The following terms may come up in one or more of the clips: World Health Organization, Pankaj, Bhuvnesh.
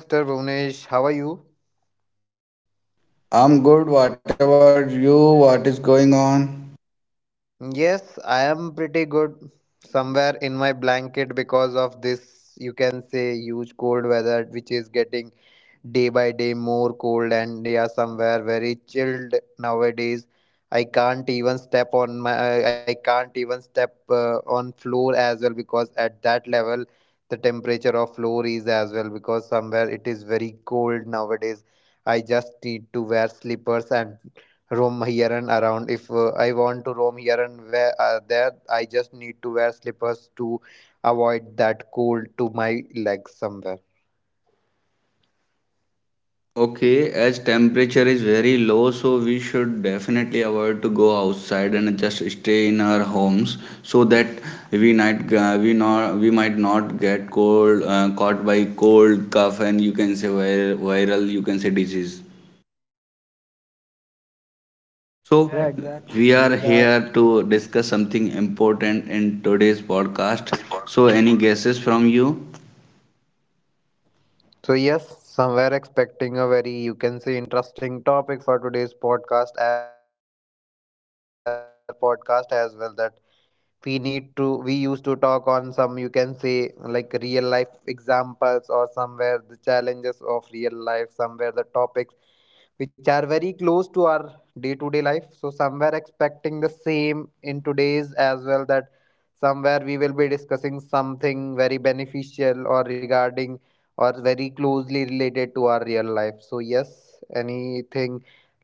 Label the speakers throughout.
Speaker 1: Hello, Mr. Bhuvnesh. How are you?
Speaker 2: I'm good. What about you? What is going on?
Speaker 1: Yes, I am pretty good. Somewhere in my blanket because of this, you can say, huge cold weather which is getting day by day more cold, and yeah, somewhere very chilled nowadays. I can't even step on my, I can't even step on floor as well, because at that level the temperature of floor is as well, because somewhere it is very cold nowadays. I just need to wear slippers and roam here and around. If I want to roam here and where, there I just need to wear slippers to avoid that cold to my legs somewhere.
Speaker 2: Okay, as temperature is very low, so we should definitely avoid to go outside and just stay in our homes so that we might we not we might not get cold caught by cold cough and you can say viral you can say disease. So
Speaker 1: Yeah,
Speaker 2: we
Speaker 1: exactly.
Speaker 2: are
Speaker 1: These are.
Speaker 2: here to discuss something important in today's podcast. So any guesses from you?
Speaker 1: So yes, somewhere expecting a very, you can say, interesting topic for today's podcast, as we used to do in our other podcast as well, that we used to talk on some, you can say, like real life examples or somewhere the challenges of real life, somewhere the topics which are very close to our day to day life. So somewhere expecting the same in today's as well, that somewhere we will be discussing something very beneficial or regarding, or very closely related to our real life. So yes, anything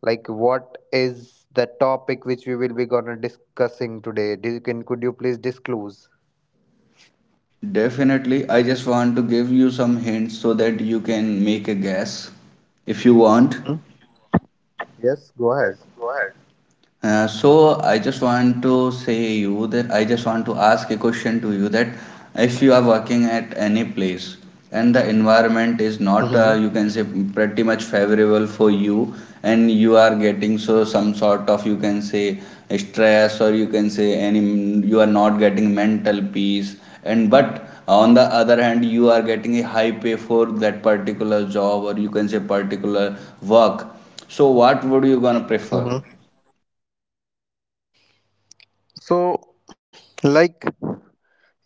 Speaker 1: like what is the topic which we will be gonna discussing today? Do you can, could you please disclose?
Speaker 2: Definitely, I just want to give you some hints so that you can make a guess if you want.
Speaker 1: Hmm? Yes, go ahead.
Speaker 2: So I just want to say you that I just want to ask a question to you that if you are working at any place and the environment is
Speaker 1: Mm-hmm.
Speaker 2: not you can say pretty much favorable for you, and you are getting so some sort of you can say stress or you can say any, you are not getting mental peace, and but on the other hand you are getting a high pay for that particular job or you can say particular work. So what would you gonna prefer?
Speaker 1: Mm-hmm. So, like,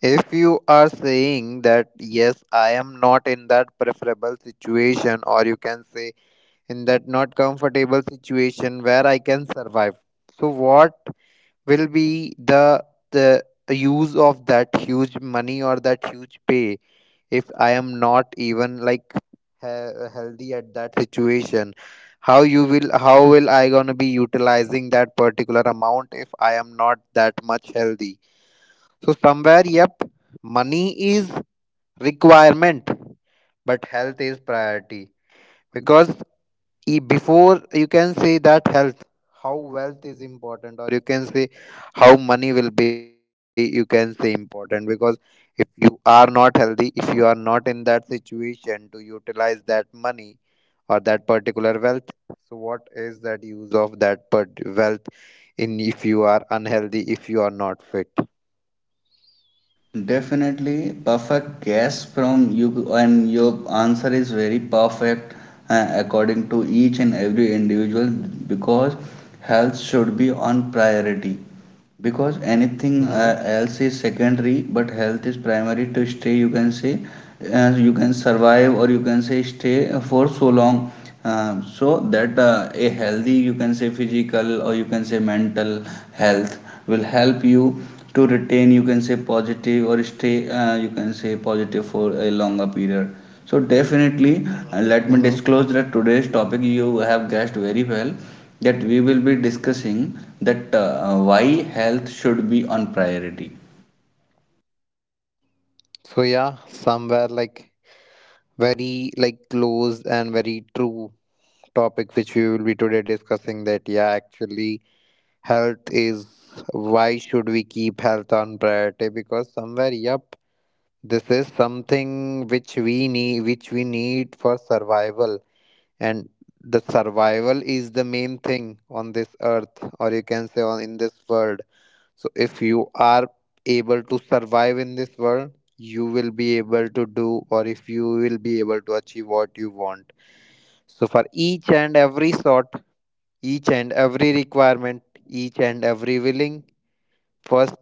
Speaker 1: if you are saying that yes, I am not in that preferable situation, or you can say in that not comfortable situation where I can survive, so what will be the use of that huge money or that huge pay, if I am not even like he- healthy at that situation? How you will, how will I gonna be utilizing that particular amount if I am not that much healthy? So somewhere, yep, money is requirement, but health is priority. Because e- before, you can say, that health, how wealth is important, or you can say, how money will be, you can say, important. Because if you are not healthy, if you are not in that situation to utilize that money or that particular wealth, so what is that use of that part- wealth, in, if you are unhealthy, if you are not fit.
Speaker 2: Definitely perfect guess from you, and your answer is very perfect according to each and every individual, because health should be on priority, because anything
Speaker 1: Hmm.
Speaker 2: else is secondary but health is primary to stay you can say you can survive or you can say stay for so long. So that a healthy you can say physical or you can say mental health will help you to retain you can say positive or stay you can say positive for a longer period. So definitely, let me
Speaker 1: Hmm.
Speaker 2: disclose that today's topic you have guessed very well, that we will be discussing that why health should be on priority.
Speaker 1: So yeah, somewhere like very like close and very true topic which we will be today discussing, that yeah, actually health is, why should we keep health on priority? Because somewhere, yep, this is something which we need, which we need for survival. And the survival is the main thing on this earth, or you can say on, in this world. So if you are able to survive in this world, you will be able to do, or if you will be able to achieve what you want. So for each and every sort, each and every requirement, each and every willing, first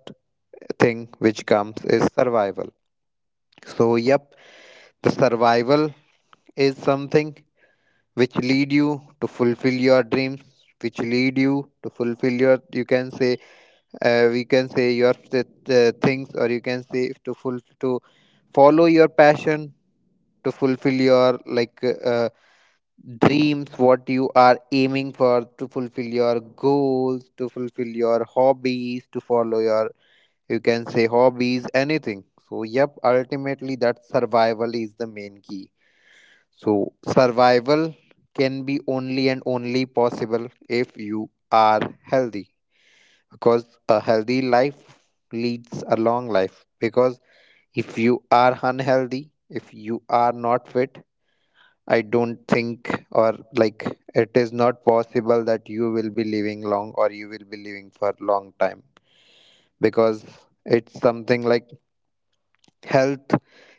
Speaker 1: thing which comes is survival. So yep, the survival is something which lead you to fulfill your dreams, which lead you to fulfill your, you can say, we can say your th- things, or you can say to full to follow your passion, to fulfill your like dreams what you are aiming for, to fulfill your goals, to fulfill your hobbies, to follow your, you can say, hobbies, anything. So yep, ultimately that survival is the main key. So survival can be only and only possible if you are healthy, because a healthy life leads a long life. Because if you are unhealthy, if you are not fit, I don't think, or like, it is not possible that you will be living long, or you will be living for long time. Because it's something like health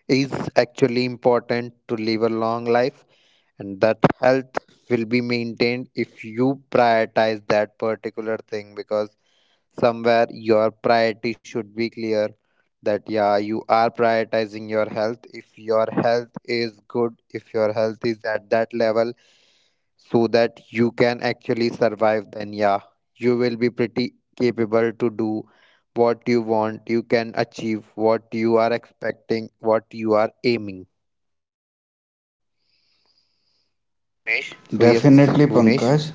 Speaker 1: is actually important to live a long life. And that health will be maintained if you prioritize that particular thing. Because somewhere your priority should be clear, that yeah, you are prioritizing your health. If your health is good, if your health is at that level so that you can actually survive, then yeah, you will be pretty capable to do what you want. You can achieve what you are expecting, what you are aiming. So yes, Bhunesh.
Speaker 2: Definitely, Pankaj.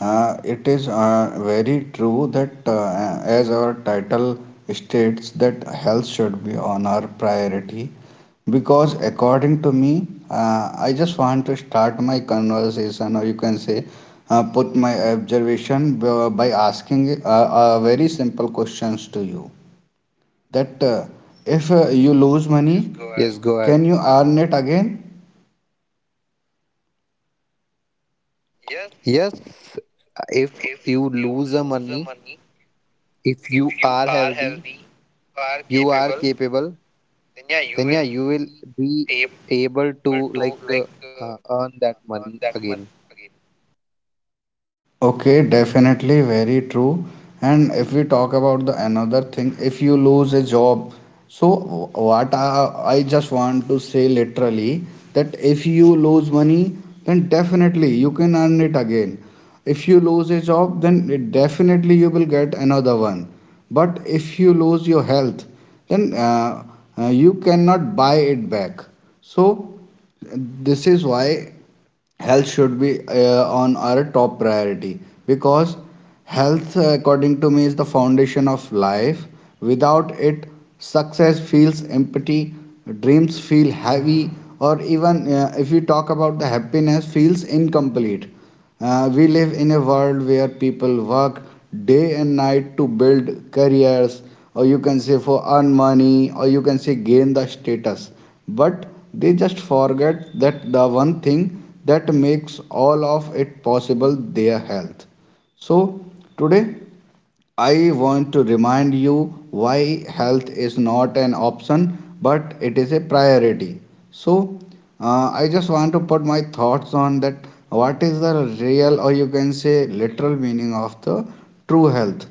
Speaker 2: It is very true that, as our title states, that health should be on our priority. Because, according to me, I just want to start my conversation, or you can say, put my observation by asking very simple questions to you. That if you lose money,
Speaker 1: Yes, go ahead.
Speaker 2: can you earn it again?
Speaker 1: Yes, if you lose the money, if you are healthy, you are capable, then yeah, you will be able to like earn that money again.
Speaker 2: Okay, definitely very true. And if we talk about the another thing, if you lose a job, so what I just want to say literally that if you lose money, then definitely you can earn it again. If you lose a job, then it definitely you will get another one. But if you lose your health, then you cannot buy it back. So this is why health should be on our top priority, because health, according to me, is the foundation of life. Without it, success feels empty, dreams feel heavy, or even if you talk about, the happiness feels incomplete. We live in a world where people work day and night to build careers or you can say for earn money or you can say gain the status, but they just forget that the one thing that makes all of it possible, their health. So today I want to remind you why health is not an option but it is a priority. So, I just want to put my thoughts on that, what is the real or you can say literal meaning of the true health.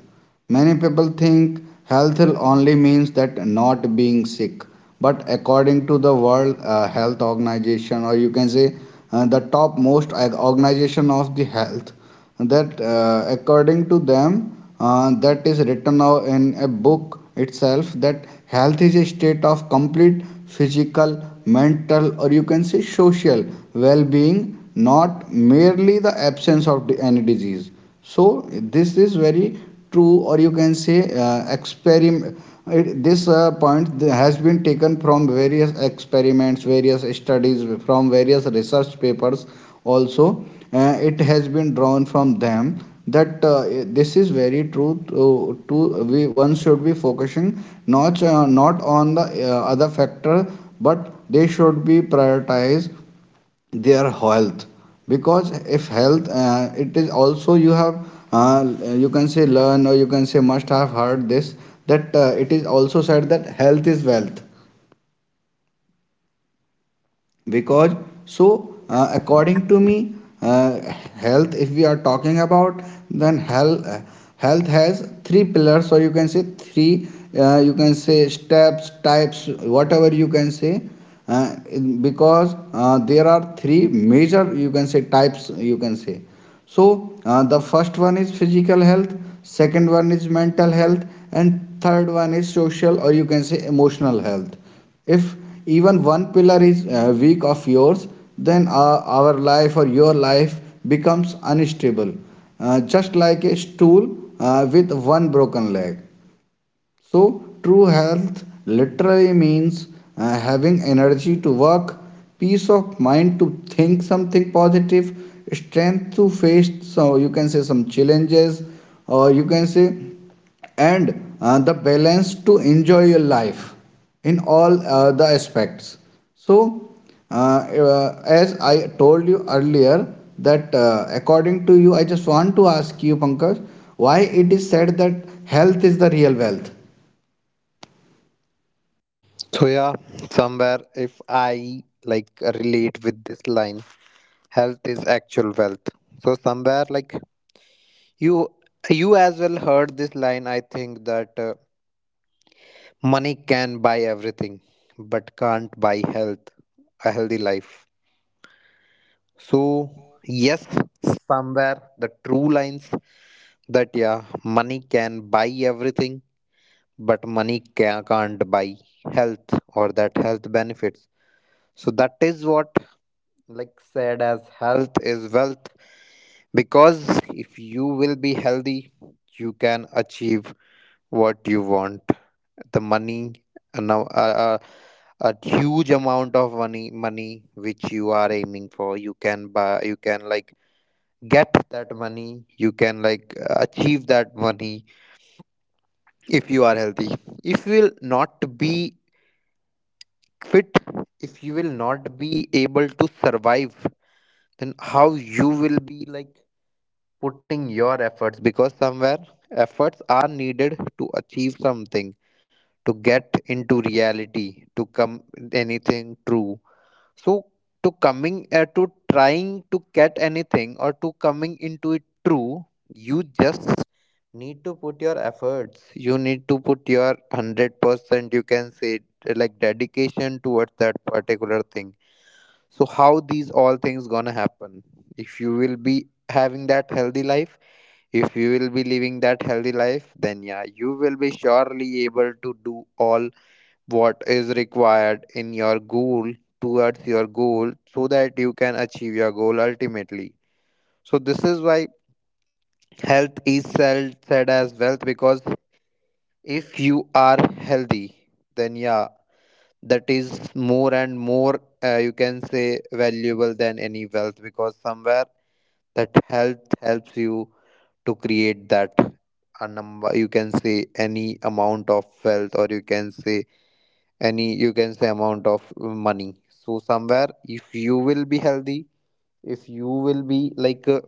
Speaker 2: Many people think health only means that not being sick, but according to the World Health Organization, or you can say the top most organization of the health, that according to them, that is written now in a book itself, that health is a state of complete physical, mental, or you can say social well-being, not merely the absence of any disease. So this is very true, or you can say experiment, this point has been taken from various experiments, various studies, from various research papers also. It has been drawn from them that this is very true, to we one should be focusing not not on the other factor, but they should be prioritize their health. Because if health, it is also you have you can say learn or you can say must have heard this, that it is also said that health is wealth. Because so according to me, uh, health, if we are talking about, then health has three pillars or you can say three you can say steps, types, whatever you can say, because there are three major you can say types you can say. So the first one is physical health, second one is mental health, and third one is social or you can say emotional health. If even one pillar is weak of yours, then our life or your life becomes unstable, just like a stool with one broken leg. So, true health literally means having energy to work, peace of mind to think something positive, strength to face, so you can say some challenges, or you can say, and the balance to enjoy your life in all the aspects. So as I told you earlier that according to you, I just want to ask you, Pankaj, why it is said that health is the real wealth?
Speaker 1: So yeah, somewhere if I like relate with this line, health is actual wealth. So somewhere like, you you as well heard this line, I think, that money can buy everything, but can't buy health, a healthy life. So yes, somewhere the true lines, that yeah, money can buy everything, but money ca- can't buy health or that health benefits. So that is what, like, said as health is wealth. Because if you will be healthy, you can achieve what you want. The money, a, now- a huge amount of money which you are aiming for, you can buy, you can like get that money, you can like achieve that money, if you are healthy. If you will not be fit, if you will not be able to survive, then how you will be like putting your efforts? Because somewhere efforts are needed to achieve something, to get into reality, to come anything true. So to coming to trying to get anything, or to coming into it true, you just need to put your efforts, you need to put your 100%, you can say, like dedication towards that particular thing. So how these all things gonna happen if you will be having that healthy life? If you will be living that healthy life, then yeah, you will be surely able to do all what is required in your goal, towards your goal, so that you can achieve your goal ultimately. So this is why health is sel- said as wealth. Because if you are healthy, then yeah, that is more and more you can say valuable than any wealth. Because somewhere that health helps you to create that, a number, you can say, any amount of wealth, or you can say any, you can say, amount of money. So somewhere if you will be healthy, if you will be uh,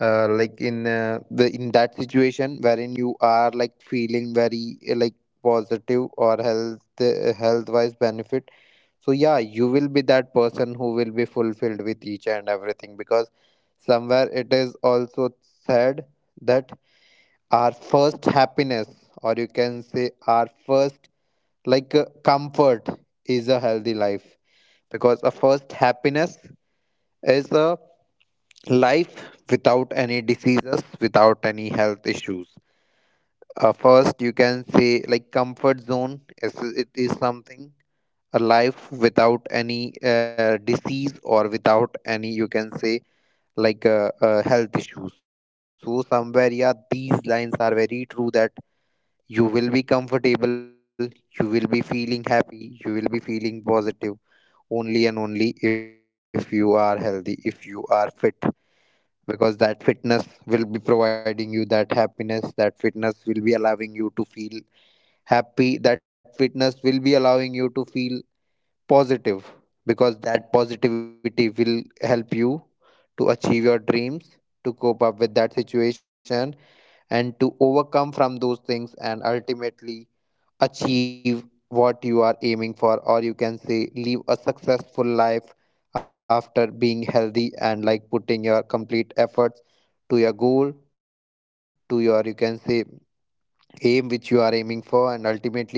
Speaker 1: uh, like in the, in that situation wherein you are like feeling very like positive or health, health wise benefit. So yeah, you will be that person who will be fulfilled with each and everything. Because somewhere it is also said that our first happiness, or you can say our first like comfort, is a healthy life. Because a first happiness is a life without any diseases, without any health issues. First, you can say, like, comfort zone is, it is something a life without any disease, or without any, you can say, like health issues. So somewhere yeah, these lines are very true, that you will be comfortable, you will be feeling happy, you will be feeling positive, only and only if you are healthy, if you are fit. Because that fitness will be providing you that happiness, that fitness will be allowing you to feel happy, that fitness will be allowing you to feel positive. Because that positivity will help you to achieve your dreams, to cope up with that situation, and to overcome from those things, and ultimately achieve what you are aiming for, or you can say live a successful life after being healthy, and like putting your complete efforts to your goal, to your, you can say, aim which you are aiming for. And ultimately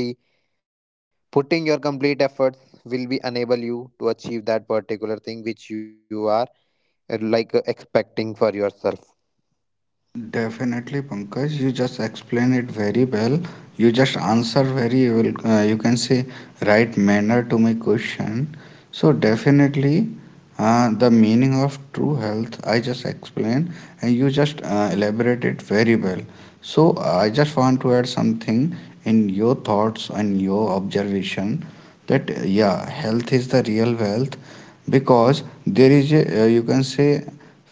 Speaker 1: putting your complete efforts will be enable you to achieve that particular thing which you are like expecting for yourself.
Speaker 2: Definitely, Pankaj. You just explain it very well. You just answer very well. You can say right manner to my question. So definitely, the meaning of true health I just explained, and you just elaborate it very well. So I just want to add something in your thoughts and your observation, that yeah, health is the real wealth, because there is a you can say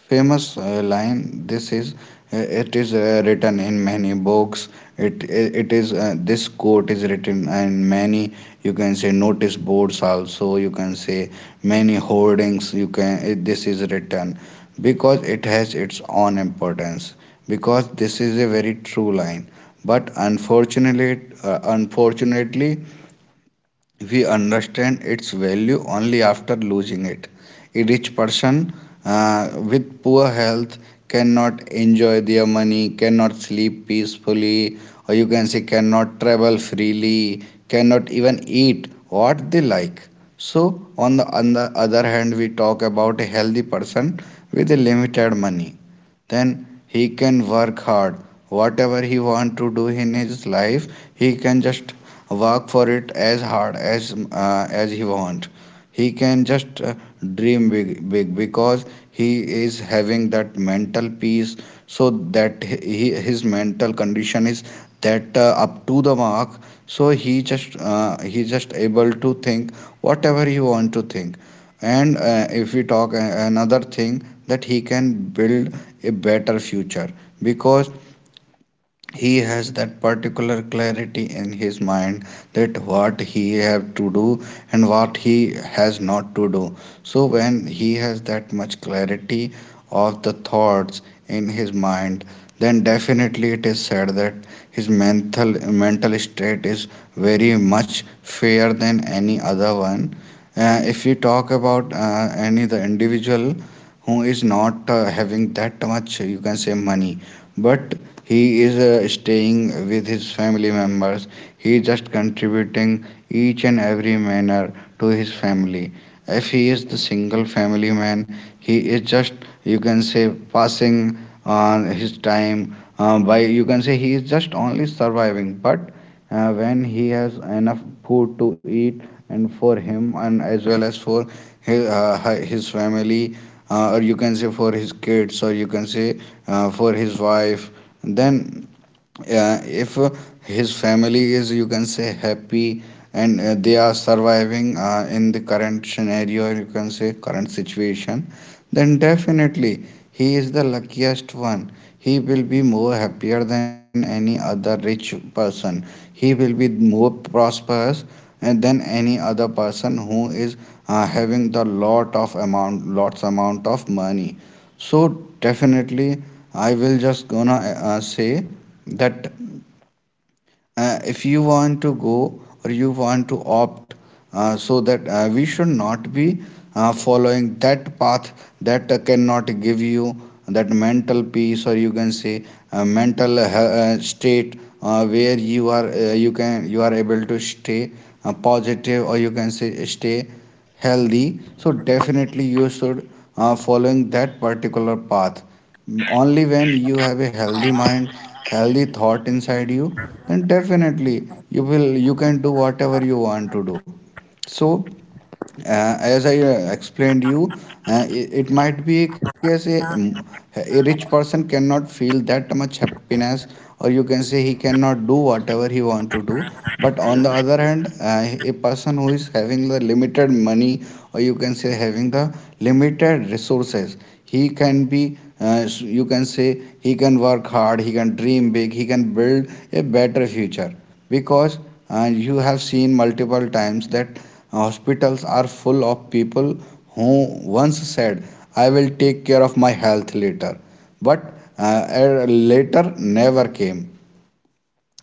Speaker 2: famous line. This is uh, it is written in many books. It is this quote is written in many. You can say notice boards also. You can say many hoardings. You can this is written because it has its own importance. Because this is a very true line. But unfortunately, unfortunately, we understand its value only after losing it. A rich person with poor health cannot enjoy their money, cannot sleep peacefully, or you can say cannot travel freely, cannot even eat what they like. So, on the other hand, we talk about a healthy person with a limited money, then he can work hard. Whatever he want to do in his life, he can just work for it as hard as he want. He can just dream big, big, because he is having that mental peace, so that his mental condition is that up to the mark. So he just able to think whatever he want to think. And if we talk another thing, that he can build a better future, because he has that particular clarity in his mind, that what he have to do and what he has not to do. So when he has that much clarity of the thoughts in his mind, then definitely it is said that his mental state is very much fair than any other one. If you talk about any the individual who is not having that much you can say money, but he is staying with his family members, he is just contributing each and every manner to his family. If he is the single family man, he is just you can say passing on his time by you can say he is just only surviving. But when he has enough food to eat and for him and as well as for his, his family, or you can say for his kids, or you can say for his wife, and then yeah, if his family is you can say happy, and they are surviving in the current scenario, you can say current situation, then definitely he is the luckiest one. He will be more happier than any other rich person. He will be more prosperous and than any other person who is having the lot of amount, lots amount of money. So definitely I will just gonna say that if you want to go or you want to opt, so that we should not be following that path that cannot give you that mental peace, or you can say mental state where you are you can, you are able to stay positive or you can say stay healthy. So definitely you should following that particular path. Only when you have a healthy mind, healthy thought inside you, then definitely you will, you can do whatever you want to do. So as I explained you, uh, it might be a case A rich person cannot feel that much happiness, or you can say he cannot do whatever he want to do. But on the other hand, a person who is having the limited money, or you can say having the limited resources, he can be you can say he can work hard, he can dream big, he can build a better future. Because you have seen multiple times that hospitals are full of people who once said, I will take care of my health later. But later never came.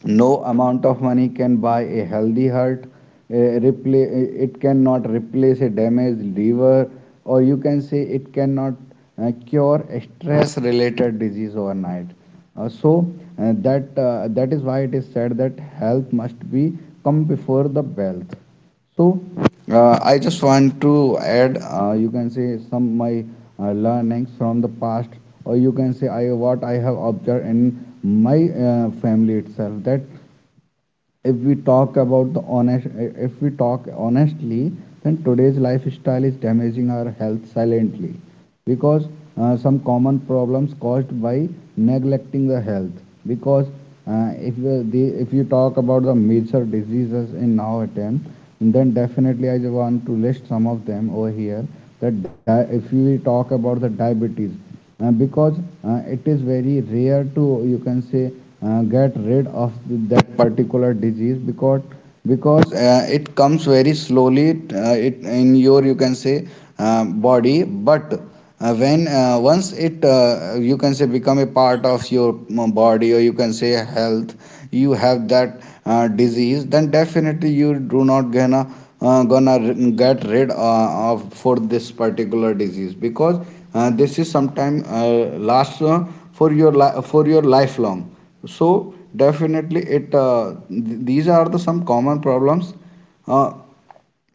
Speaker 2: No amount of money can buy a healthy heart. It cannot replace a damaged liver, or you can say it cannot cure a stress-related disease overnight. So that is why it is said that health must be come before the wealth. So, I just want to add, you can say some my learnings from the past, or you can say what I have observed in my family itself, that if we talk about the honest, if we talk honestly, then today's lifestyle is damaging our health silently, because some common problems caused by neglecting the health. Because if the, the if you talk about the major diseases in our time, then definitely I want to list some of them over here. If we talk about the diabetes, because it is very rare to, you can say, get rid of that particular disease. Because it comes very slowly, it in your, you can say, body. But when, once it, you can say, become a part of your body, or you can say health, you have that disease, then definitely you do not gonna uh, gonna r- get rid of for this particular disease, because this is sometime lasts for your lifelong. So definitely these are the some common problems uh,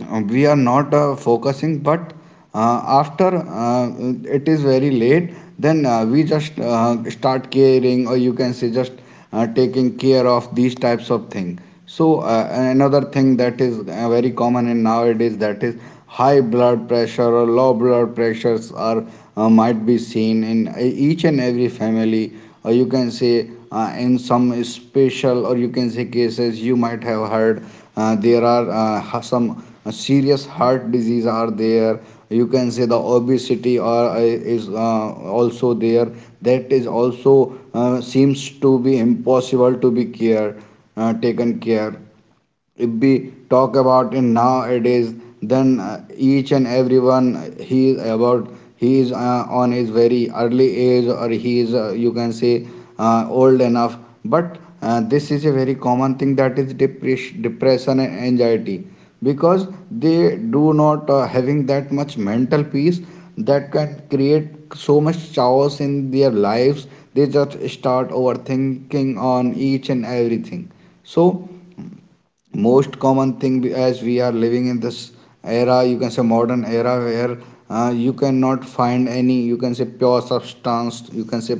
Speaker 2: we are not focusing, but after it is very late, then we just start caring, or you can say just taking care of these types of thing. So another thing that is very common in nowadays, that is high blood pressure or low blood pressures are might be seen in each and every family, or you can say, in some special, or you can say cases, you might have heard there are some a serious heart disease are there. You can say the obesity are is also there. That is also seems to be impossible to be care, taken care. If we talk about in nowadays, then each and everyone, he is on his very early age, or he is, you can say, old enough. But this is a very common thing, that is depression and anxiety, because they do not having that much mental peace, that can create so much chaos in their lives. They just start overthinking on each and everything. So, most common thing, as we are living in this era, you can say modern era, where you cannot find any, you can say, pure substance, you can say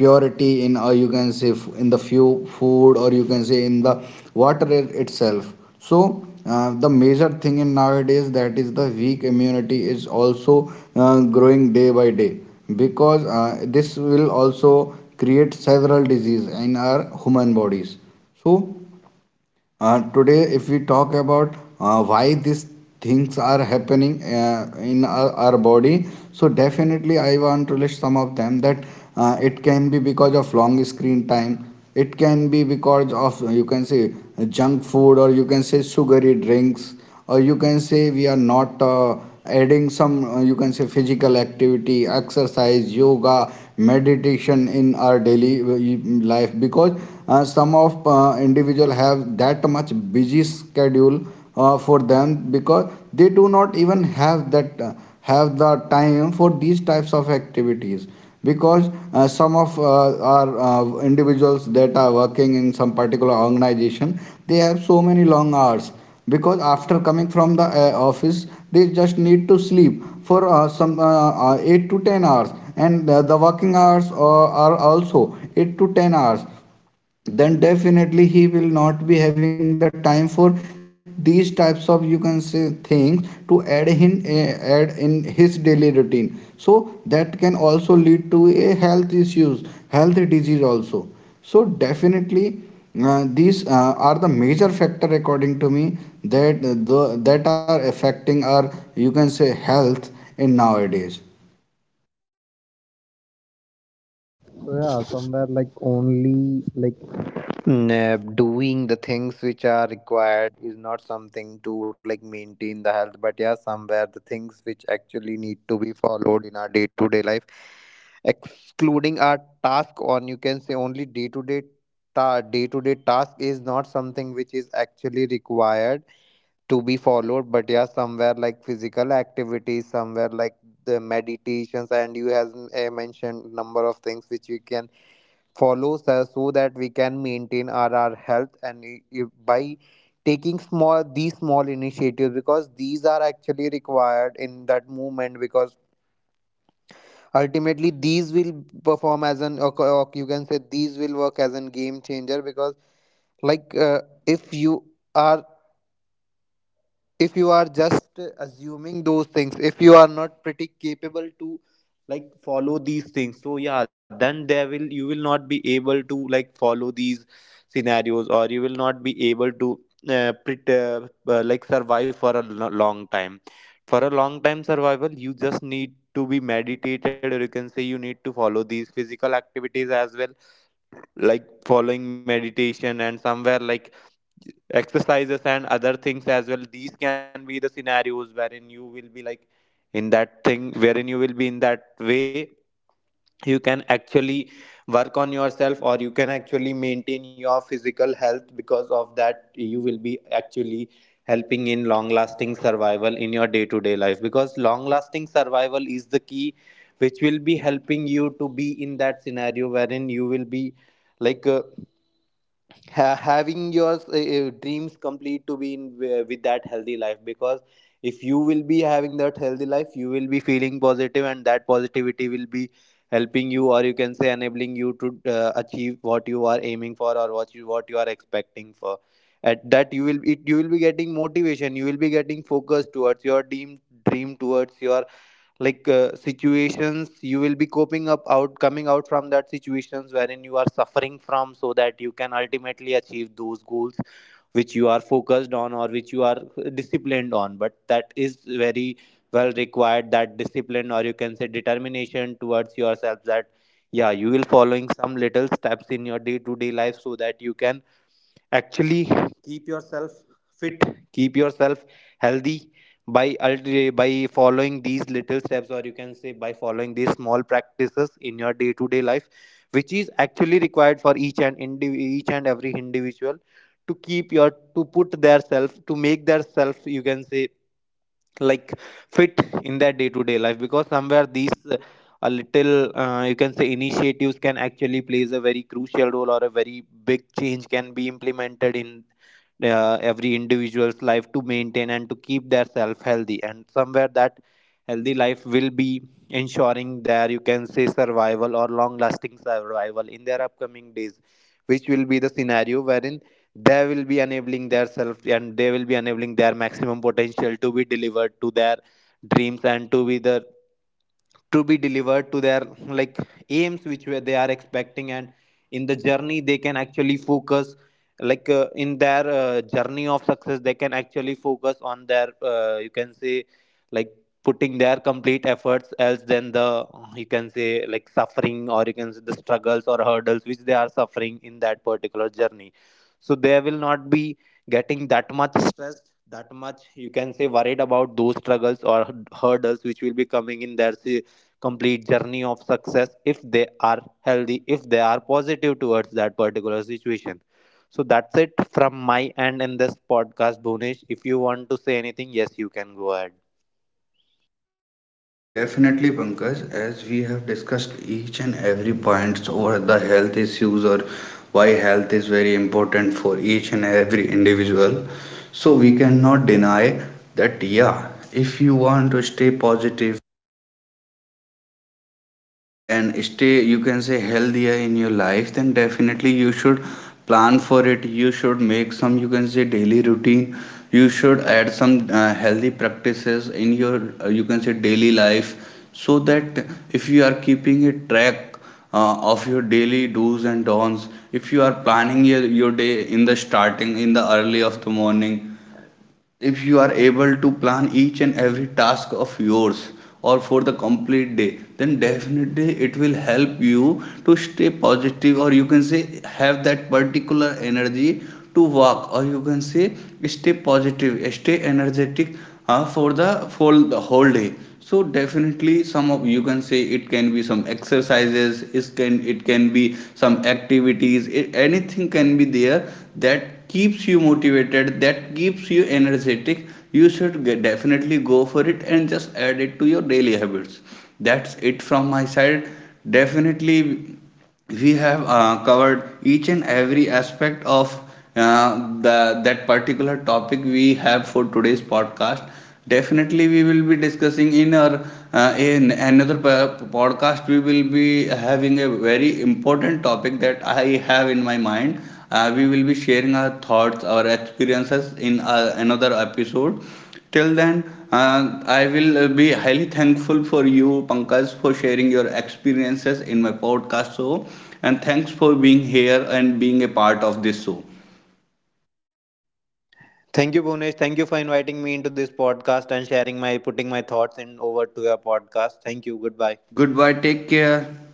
Speaker 2: purity in, or you can say in the few food, or you can say in the water itself. So the major thing in nowadays, that is the weak immunity, is also growing day by day, because this will also create several disease in our human bodies. So today, if we talk about why these things are happening in our body, so definitely I want to list some of them. That it can be because of long screen time, it can be because of, you can say, junk food, or you can say sugary drinks, or you can say we are not adding some, you can say, physical activity, exercise, yoga, meditation in our daily life, because some of individual have that much busy schedule for them, because they do not even have that, have the time for these types of activities. Because some of our individuals that are working in some particular organization, they have so many long hours, because after coming from the office, they just need to sleep for some 8 to 10 hours, and the working hours are also 8 to 10 hours. Then definitely he will not be having the time for these types of, you can say, things to add in, his daily routine. So that can also lead to a health issues, health disease also. So definitely, these are the major factor according to me that that are affecting our, you can say, health in nowadays.
Speaker 1: So yeah, somewhere like only like doing the things which are required is not something to like maintain the health. But yeah, somewhere the things which actually need to be followed in our day to day life, excluding our task, or you can say only day to day ta day to day task, is not something which is actually required to be followed. But yeah, somewhere like physical activities, somewhere like the meditations, and you has mentioned number of things which you can follows us so that we can maintain our health. And I- if by taking small these small initiatives, because these are actually required in that movement, because ultimately these will perform as an, or you can say these will work as a game changer. Because like if you are, if you are just assuming those things, if you are not pretty capable to like follow these things, so yeah, then there will, you will not be able to like follow these scenarios, or you will not be able to pret like survive for a lo- long time. For a long time survival you just need to be meditated, or you can Say you need to follow these physical activities as well, like following meditation and somewhere like exercises and other things as well. These can be the scenarios wherein you will be like in that thing, wherein you will be in that way you can actually work on yourself, or you can actually maintain your physical health. Because of that, you will be actually helping in long lasting survival in your day to day life, because long lasting survival is the key which will be helping you to be in that scenario wherein you will be like having your dreams complete, to be in with that healthy life. Because if you will be having that healthy life, you will be feeling positive, and that positivity will be helping you, or you can say enabling you to achieve what you are aiming for, or what you are expecting for. At that you will you will be getting motivation, you will be getting focus towards your dream towards your like situations. You will be coping up, out coming out from that situations wherein you are suffering from, so that you can ultimately achieve those goals which you are focused on, or which you are disciplined on. But that is very well required, that discipline, or you can say determination towards yourself, that yeah, you will following some little steps in your day to day life, so that you can actually keep yourself fit, keep yourself healthy by by following these little steps, or you can say by following these small practices in your day to day life, which is actually required for each and every individual to keep your, to put their self, to make their self, you can say, like fit in their day to day life. Because somewhere these a little you can say initiatives can actually plays a very crucial role, or a very big change can be implemented in every individual's life, to maintain and to keep their self healthy. And somewhere that healthy life will be ensuring their, you can say, survival or long lasting survival in their upcoming days, which will be the scenario wherein they will be enabling their self, and they will be enabling their maximum potential to be delivered to their dreams, and to be the, to be delivered to their like aims which were they are expecting. And in the journey they can actually focus like in their journey of success, they can actually focus on their you can say like putting their complete efforts, else than the, you can say, like suffering, or you can say the struggles or hurdles which they are suffering in that particular journey. So they will not be getting that much stressed, that much you can say worried about those struggles or hurdles which will be coming in their complete journey of success, if they are healthy, if they are positive towards that particular situation. So that's it from my end in this podcast, Bhunesh. If you want to say anything, yes, you can go ahead.
Speaker 2: Definitely, Pankaj, as we have discussed each and every points over the health issues, or why health is very important for each and every individual. So we cannot deny that, yeah, if you want to stay positive and stay, you can say, healthier in your life, then definitely you should plan for it. You should make some, you can say, daily routine, you should add some healthy practices in your, you can say, daily life, so that if you are keeping a track of your daily do's and don'ts, if you are planning your day in the starting, in the early of the morning, if you are able to plan each and every task of yours, or for the complete day, then definitely it will help you to stay positive, or you can say have that particular energy to work, or you can say stay positive, stay energetic for the whole day. So definitely some of, you can say, it can be some exercises, it can be some activities, it, anything can be there that keeps you motivated, that keeps you energetic, you should get, definitely go for it and just add it to your daily habits. That's it from my side. Definitely, we have covered each and every aspect of, that particular topic we have for today's podcast. Definitely, we will be discussing in our in another podcast. We will be having a very important topic that I have in my mind. We will be sharing our thoughts, our experiences in another episode. Till then, I will be highly thankful for you, Pankaj, for sharing your experiences in my podcast show. And thanks for being here and being a part of this show.
Speaker 1: Thank you, Bhunesh. Thank you for inviting me into this podcast and sharing my, putting my thoughts in over to your podcast. Thank you. Goodbye.
Speaker 2: Goodbye. Take care.